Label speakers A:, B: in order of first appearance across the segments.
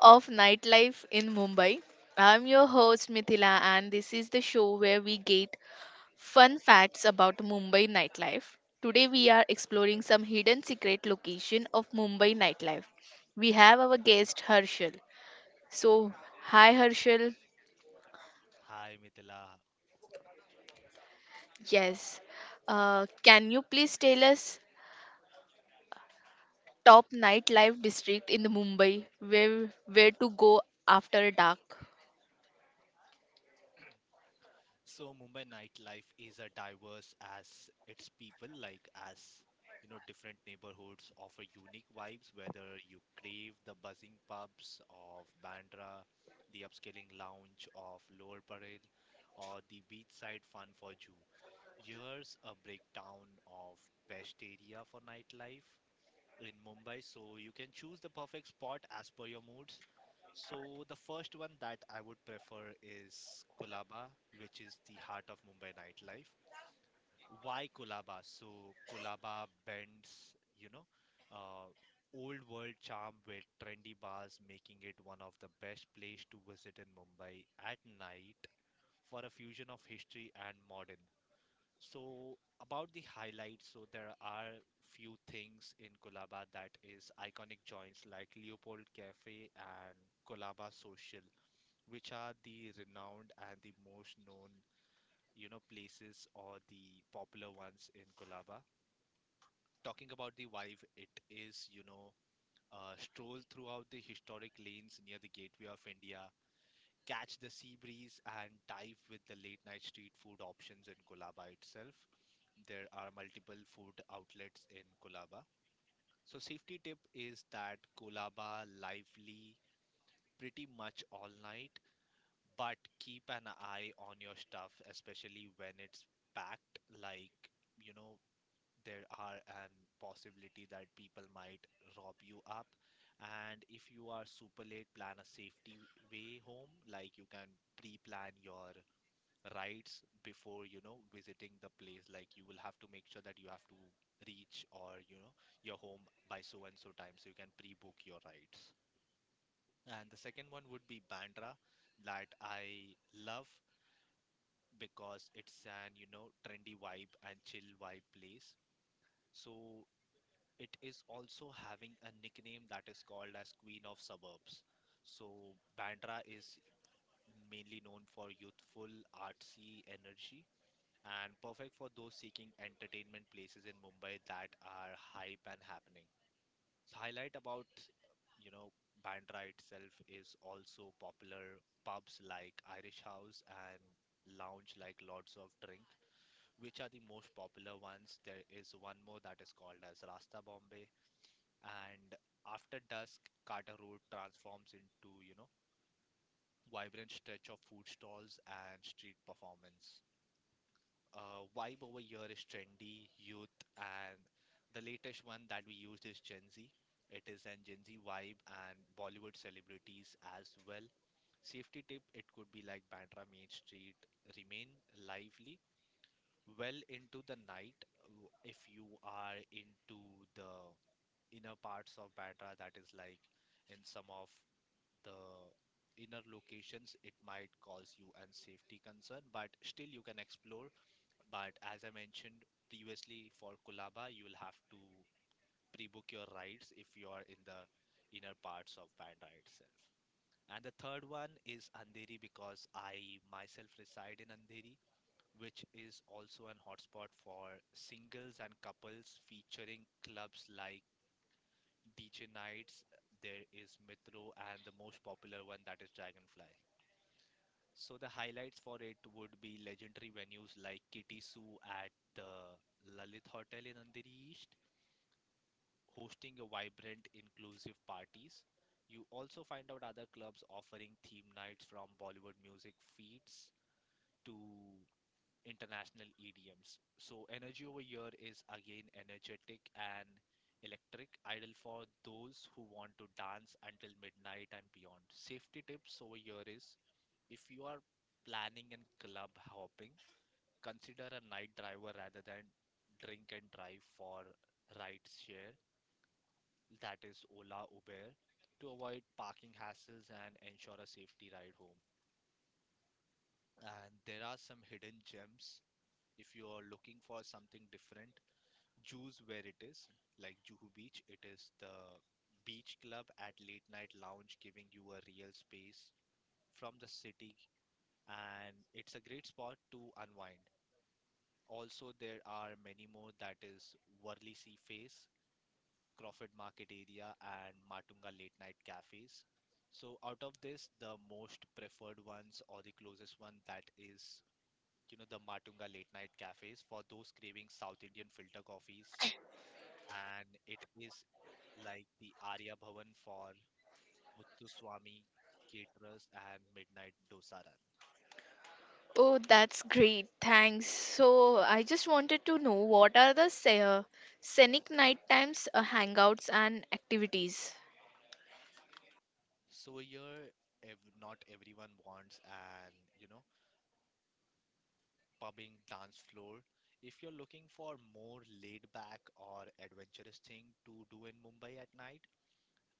A: Of nightlife in Mumbai. I'm your host Mithila, and this is the show where we get fun facts about Mumbai nightlife. Today, we are exploring some hidden secret location of Mumbai nightlife. We have our guest Harshal. So, hi Harshal.
B: Uh,
A: Yes. Can you please tell us top nightlife district in the Mumbai where to go after dark?
B: So Mumbai nightlife is as diverse as its people, like as different neighborhoods offer unique vibes, whether you crave the buzzing pubs of Bandra, the upscaling lounge of Lower Parel, or the beachside fun for Jew. Here's a breakdown of best area for nightlife in Mumbai, so you can choose the perfect spot as per your moods. So the first one that I would prefer is Colaba, which is the heart of Mumbai nightlife. Why Colaba? So Colaba blends, uh, old world charm with trendy bars, making it one of the best place to visit in Mumbai at night for a fusion of history and modern. So about the highlights, so there are few things in Colaba that is iconic joints like Leopold Cafe and Colaba Social which are the renowned and the most known, places or the popular ones in Colaba. Talking about the vibe, it is, stroll throughout the historic lanes near the Gateway of India, catch the sea breeze, and dive with the late night street food options in Colaba itself. There are multiple food outlets in Colaba. So, safety tip is that Colaba lively pretty much all night but keep an eye on your stuff, especially when it's packed. Like, you know, there are an possibility that people might rob you up. And if you are super late, plan a safety way home. Like, you can pre-plan your rides before, visiting the place. Like, you will have to make sure that you have to reach or, your home by so and so time, so you can pre-book your rides. And the second one would be Bandra that I love because it's an trendy vibe and chill vibe place, so it is also having a nickname that is called as Queen of Suburbs. So Bandra is mainly known for youthful artsy energy and perfect for those seeking entertainment places in Mumbai that are hype and happening. Highlight about, you know, Bandra itself is also popular pubs like Irish House and lounge like Lords of Drink, which are the most popular ones. There is one more that is called as Rasta Bombay, and after dusk, Carter Road transforms into, vibrant stretch of food stalls and street performance. Vibe over here is trendy, youth, and the latest one that we used is Gen Z. It is an Gen Z vibe and Bollywood celebrities as well. Safety tip it could be like Bandra Main Street, remain lively well into the night if you are into the inner parts of Bandra, that is like in some of the inner locations, it might cause you an safety concern, but still you can explore but as I mentioned previously, for Kulaba, you will have to pre-book your rides if you are in the inner parts of Bandra itself. And the third one is Andheri because I myself reside in Andheri, which is also an hotspot for singles and couples featuring clubs like DJ Nights, there is Mitro, and the most popular one that is Dragonfly. So the highlights for it would be legendary venues like Kitty-Sue at the Lalit Hotel in Andheri East, hosting a vibrant, inclusive parties. You also find out other clubs offering theme nights from Bollywood music feeds to international EDMs. So energy over here is again energetic and electric, ideal for those who want to dance until midnight and beyond. Safety tips over here is if you are planning and club hopping, consider a night driver rather than drink and drive for rideshare, that is Ola Uber, to avoid parking hassles and ensure a safety ride home. And there are some hidden gems. If you're looking for something different, choose where it is. Like Juhu Beach, it is the beach club at late night lounge, giving you a real space from the city, and it's a great spot to unwind. Also, there are many more that is Worli Sea Face, Crawford Market area, and Matunga late night cafes. So out of this, the most preferred ones or the closest one that is, the Matunga late night cafes for those craving South Indian filter coffees. And it is like the Arya Bhavan for Muthuswamy caterers and midnight dosa.
A: Oh, that's great. Thanks. So, I just wanted to know what are the scenic night times hangouts and activities?
B: So here, ev not everyone wants an you know pubbing dance floor. If you're looking for more laid back or adventurous thing to do in Mumbai at night,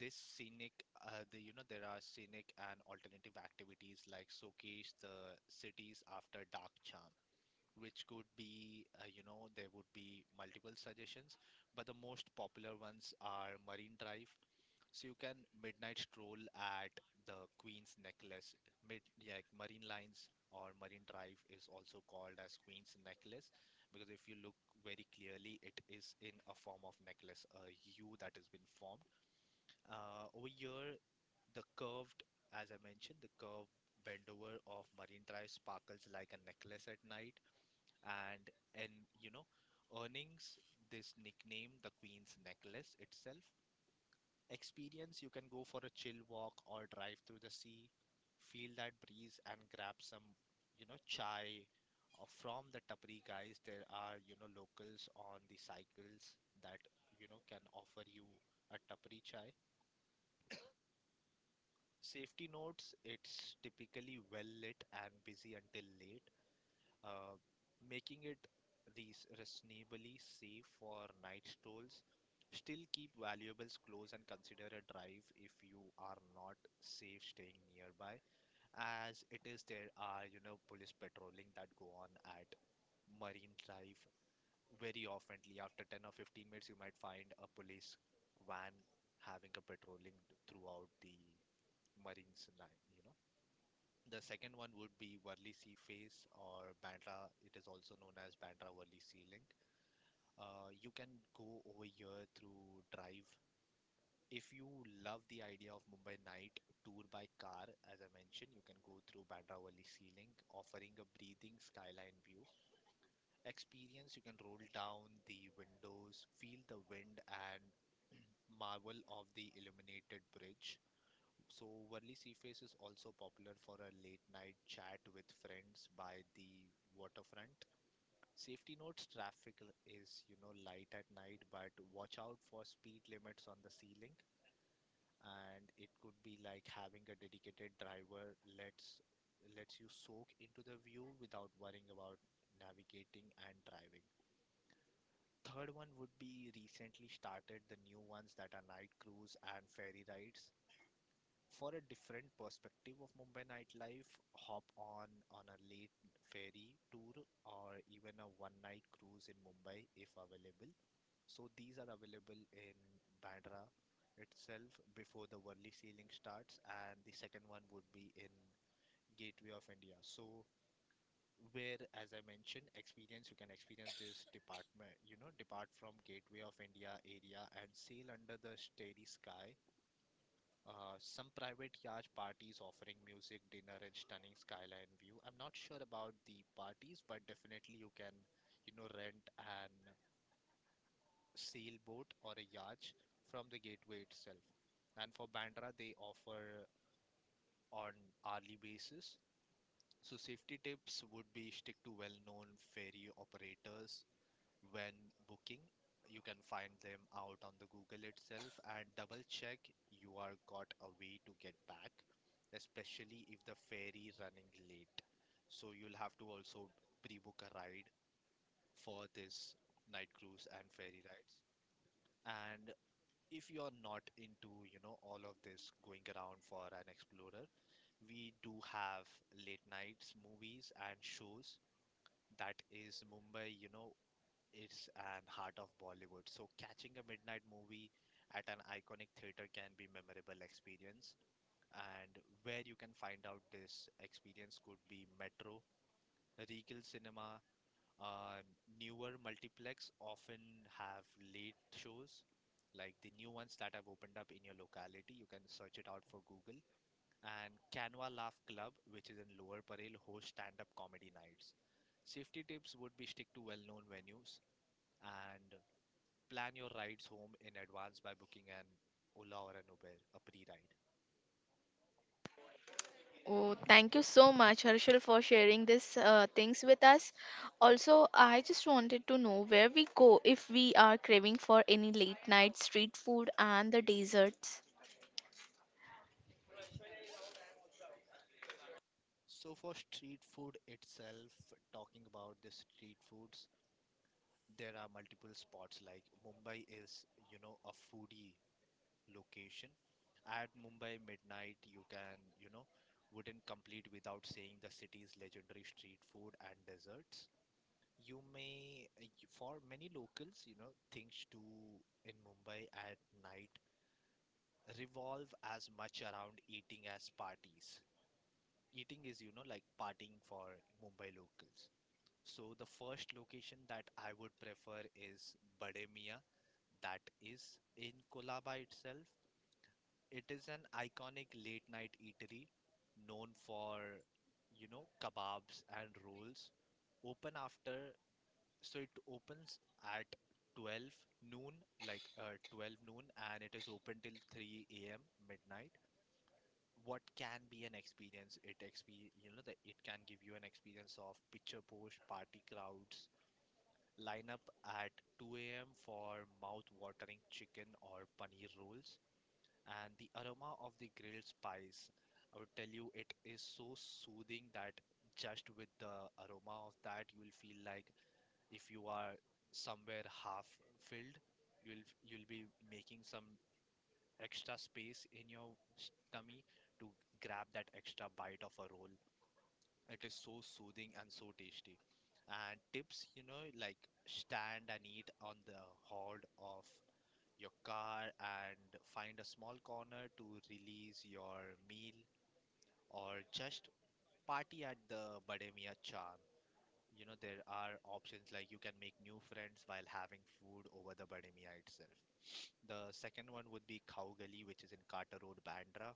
B: this scenic, there are scenic and alternative activities like showcase the cities after dark charm, which could be, there would be multiple suggestions, but the most popular ones are Marine Drive, so you can midnight stroll at the Queen's Necklace. Yeah, Marine Lines or Marine Drive is also called as Queen's Necklace because if you look very clearly, it is in a form of necklace, a U that has been formed. Over here, the curved, as I mentioned, the curved bendover of Marine Drive sparkles like a necklace at night, and and you know, earnings this nickname, the Queen's Necklace itself experience, you can go for a chill walk or drive through the sea, feel that breeze and grab some, chai from the tapri guys. There are, locals on the cycles that, can offer you a tapri chai. Safety notes, it's typically well lit and busy until late, uh, making it these reasonably safe for night strolls. Still keep valuables close and consider a drive if you are not safe staying nearby, as it is there are police patrolling that go on at Marine Drive very oftenly. After 10 or 15 minutes, you might find a police van having a patrolling throughout the Marines line. The second one would be Worli Sea Face or Bandra. It is also known as Bandra Worli Sea Link. You can go over here through drive. If you love the idea of Mumbai night tour by car, as I mentioned, you can go through Bandra Worli Sea Link, offering a breathing skyline view. Experience you can roll down the windows, feel the wind, and marvel of the illuminated bridge. So, Worli Seaface is also popular for a late night chat with friends by the waterfront. Safety notes traffic is, light at night, but watch out for speed limits on the ceiling. And it could be like having a dedicated driver lets you soak into the view without worrying about navigating and driving. Third one would be recently started the new ones that are night cruise and ferry rides. For a different perspective of Mumbai nightlife, hop on a late ferry tour or even a one night cruise in Mumbai if available. So these are available in Bandra itself before the worldly sailing starts, and the second one would be in Gateway of India. So where, as I mentioned, experience you can experience this department, depart from Gateway of India area and sail under the starry sky. Some private yacht parties offering music, dinner, and stunning skyline view. I'm not sure about the parties, but definitely you can, rent an sailboat or a yacht from the gateway itself. And for Bandra, they offer on hourly basis. So safety tips would be stick to well-known ferry operators, when booking you can find them out on the Google itself and double check you are got a way to get back, especially if the ferry running late, so you'll have to also pre-book a ride for this night cruise and ferry rides. And if you're not into all of this going around for an explorer, we do have late nights movies and shows. That is Mumbai, it's an heart of Bollywood. So catching a midnight movie at an iconic theater can be memorable experience. And where you can find out this experience could be Metro, Regal Cinema, uh, newer multiplex often have late shows like the new ones that have opened up in your locality. You can search it out for Google. And Canva Laugh Club, which is in Lower Parel, hosts stand-up comedy nights. Safety tips would be stick to well known venues and plan your rides home in advance by booking an Ola or an Uber, a pre ride.
A: Oh, thank you so much, Harshal, for sharing these things with us. Also, I just wanted to know where we go if we are craving for any late night street food and the desserts.
B: So, for street food itself, talking about the street foods, there are multiple spots like Mumbai is, a foodie location. At Mumbai midnight, you can, wouldn't complete without seeing the city's legendary street food and desserts. You may, for many locals, things to in Mumbai at night revolve as much around eating as parties. Eating is, like partying for Mumbai locals. So the first location that I would prefer is Bade Mia, that is in Kolaba itself. It is an iconic late night eatery known for, kebabs and rolls. Open after, so it opens at 12 noon, 12 noon, and it is open till 3 a.m. midnight. What can be an experience, it exp you know that it can give you an experience of picture post party crowds line up at 2 a.m for mouth watering chicken or paneer rolls. And the aroma of the grilled spice, I would tell you, it is so soothing that just with the aroma of that you will feel like, if you are somewhere half filled, you'll be making some extra space in your tummy to grab that extra bite of a roll. It is so soothing and so tasty. And tips, you know, like stand and eat on the hood of your car and find a small corner to release your meal, or just party at the Bade Mian Chan. You know, there are options like you can make new friends while having food over the Bade Mian itself. The second one would be Khaugali, which is in Carter Road, Bandra.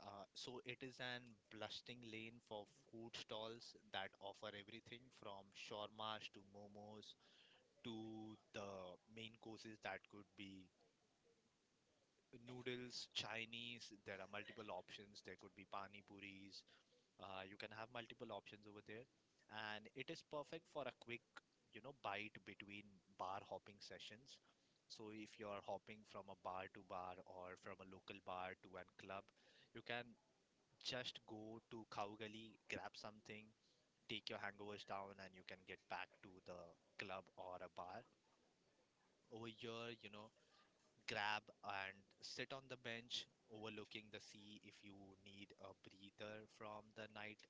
B: So it is an bustling lane for food stalls that offer everything from shawarmas to momos to the main courses that could be noodles, Chinese. There are multiple options. There could be pani puris. You can have multiple options over there, and it is perfect for a quick, you know, bite between bar hopping sessions. So if you're hopping from a bar to bar or from a local bar to a club, you can just go to Cowgully, grab something, take your hangovers down, and you can get back to the club or a bar. Over here, you know, grab and sit on the bench overlooking the sea if you need a breather from the night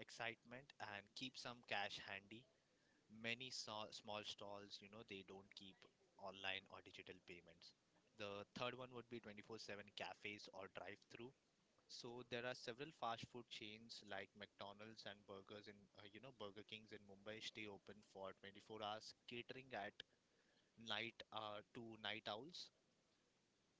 B: excitement, and keep some cash handy. Many small stalls, you know, they don't keep online or digital payments. The third one would be 24/7 cafes or drive-through. So there are several fast food chains like McDonald's and burgers in, you know, Burger Kings in Mumbai stay open for 24 hours, catering at night to night owls.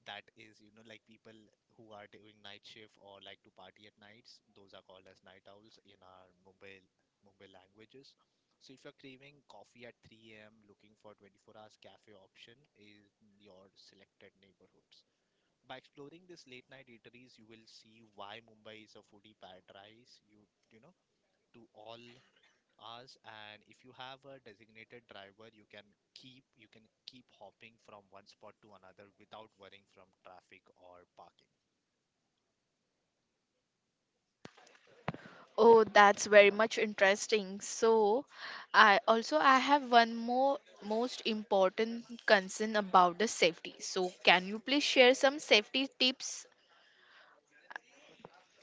B: That is, you know, like people who are doing night shift or like to party at nights, those are called as night owls in our Mumbai languages. So if you're craving coffee at 3 a.m. looking for 24 hours cafe option is your selected neighborhood. By exploring these late night eateries, you will see why Mumbai is a foodie paradise. To all hours, and if you have a designated driver, you can keep hopping from one spot to another without worrying from traffic or parking.
A: Oh, that's very much interesting. So, I have one more most important concern about the safety. So, can you please share some safety tips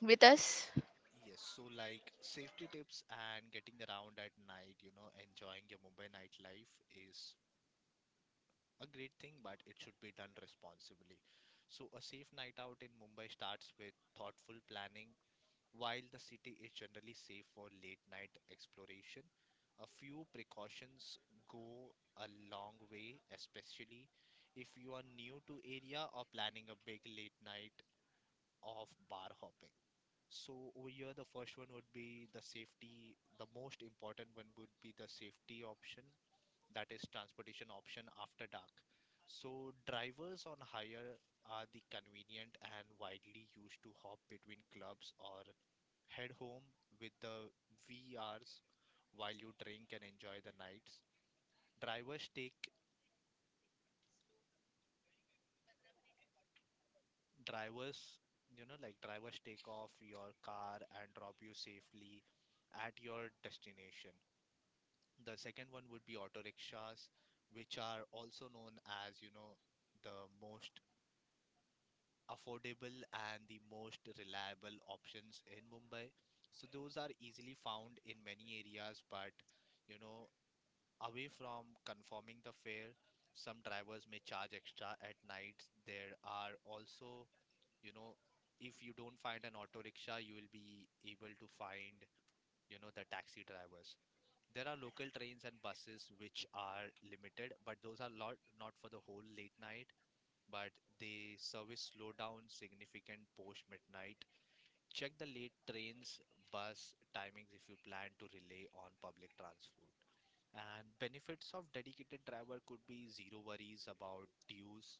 A: with us?
B: Yes, so like safety tips and getting around at night, you know, enjoying your Mumbai nightlife is a great thing, but it should be done responsibly. So, a safe night out in Mumbai starts with thoughtful planning. While the city is generally safe for late night exploration, a few precautions go a long way, especially if you are new to area or planning a big late night of bar hopping. So over here, the first one would be the safety. The most important one would be the safety option, that is transportation option after dark. So drivers on hire are the convenient and widely used to hop between clubs or head home with the VRs while you drink and enjoy the nights. Drivers take drivers, you know, like drivers take off your car and drop you safely at your destination. The second one would be auto rickshaws, which are also known as, you know, the most affordable and the most reliable options in Mumbai. So those are easily found in many areas, but you know, away from conforming the fare, some drivers may charge extra at night. There are also, you know, if you don't find an auto rickshaw, you will be able to find, you know, the taxi drivers. There are local trains and buses which are limited, but those are lot not for the whole late night, but the service slowed down significant post midnight. Check the late trains, bus timings if you plan to rely on public transport. And benefits of dedicated driver could be zero worries about dues.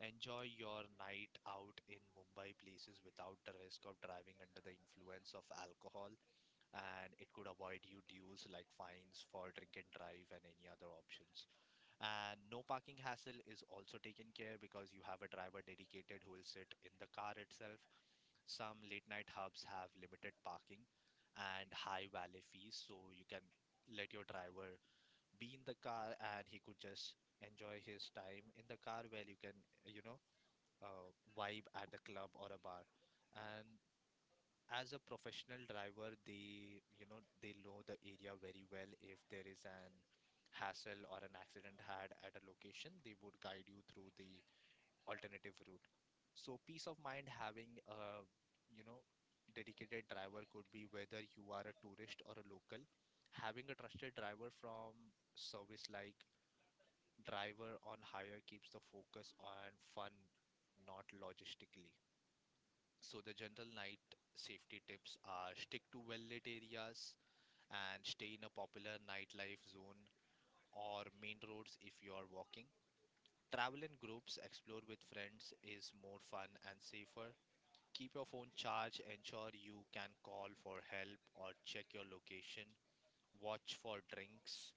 B: Enjoy your night out in Mumbai places without the risk of driving under the influence of alcohol, and it could avoid you dues like fines for drink and drive and any other options. And no parking hassle is also taken care because you have a driver dedicated who will sit in the car itself. Some late night hubs have limited parking and high valet fees, so you can let your driver be in the car and he could just enjoy his time in the car where you can, you know, vibe at the club or a bar. And as a professional driver, they know the area very well. If there is an hassle or an accident had at a location, they would guide you through the alternative route. So peace of mind having a, you know dedicated driver could be, whether you are a tourist or a local, having a trusted driver from service like driver on hire keeps the focus on fun, not logistically. So the general night safety tips are stick to well-lit areas and stay in a popular nightlife zone or main roads if you are walking. Travel in groups, explore with friends is more fun and safer. Keep your phone charged, ensure you can call for help or check your location. Watch for drinks.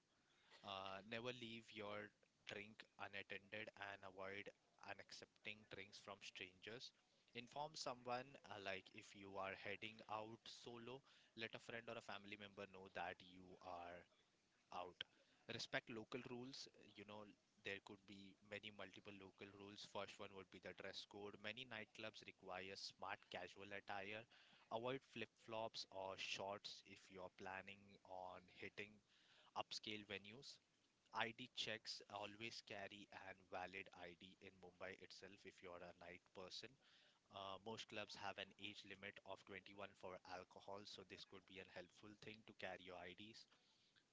B: Never leave your drink unattended and avoid unaccepting drinks from strangers. Inform someone, like if you are heading out solo, let a friend or a family member know that you are out. Respect local rules. You know, there could be many multiple local rules. First one would be the dress code. Many nightclubs require smart casual attire. Avoid flip flops or shorts if you're planning on hitting upscale venues. ID checks, always carry an valid ID in Mumbai itself if you're a night person. Most clubs have an age limit of 21 for alcohol, so this could be a helpful thing to carry your IDs.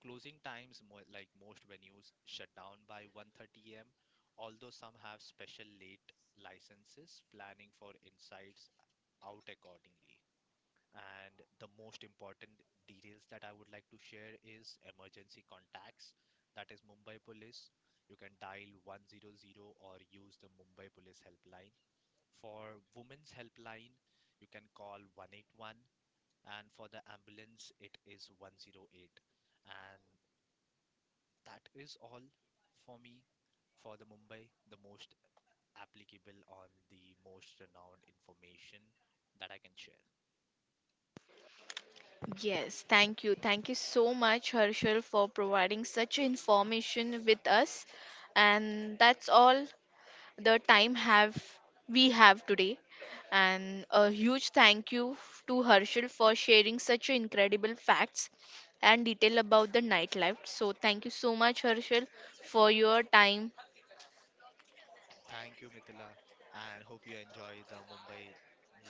B: Closing times, like most venues, shut down by 1:30 a.m. Although some have special late licenses, planning for insides out accordingly. And the most important details that I would like to share is emergency contacts. That is Mumbai Police. You can dial 100 or use the Mumbai Police helpline. For women's helpline, you can call 181, and for the ambulance it is 108. And that is all for me, for the Mumbai, the most applicable on the most renowned information that I can share.
A: Yes, thank you. Thank you so much, Harshal, for providing such information with us. And that's all the time have we have today, and a huge thank you to Herschel for sharing such incredible facts and detail about the nightlife. So thank you so much Herschel for your time.
B: Thank you, Mithila, and hope you enjoy the Mumbai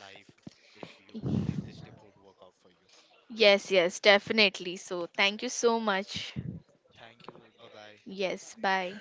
B: life if you, if this trip would work out for you.
A: Yes, definitely. So thank you so much.
B: Thank you. Bye bye.
A: Yes, bye.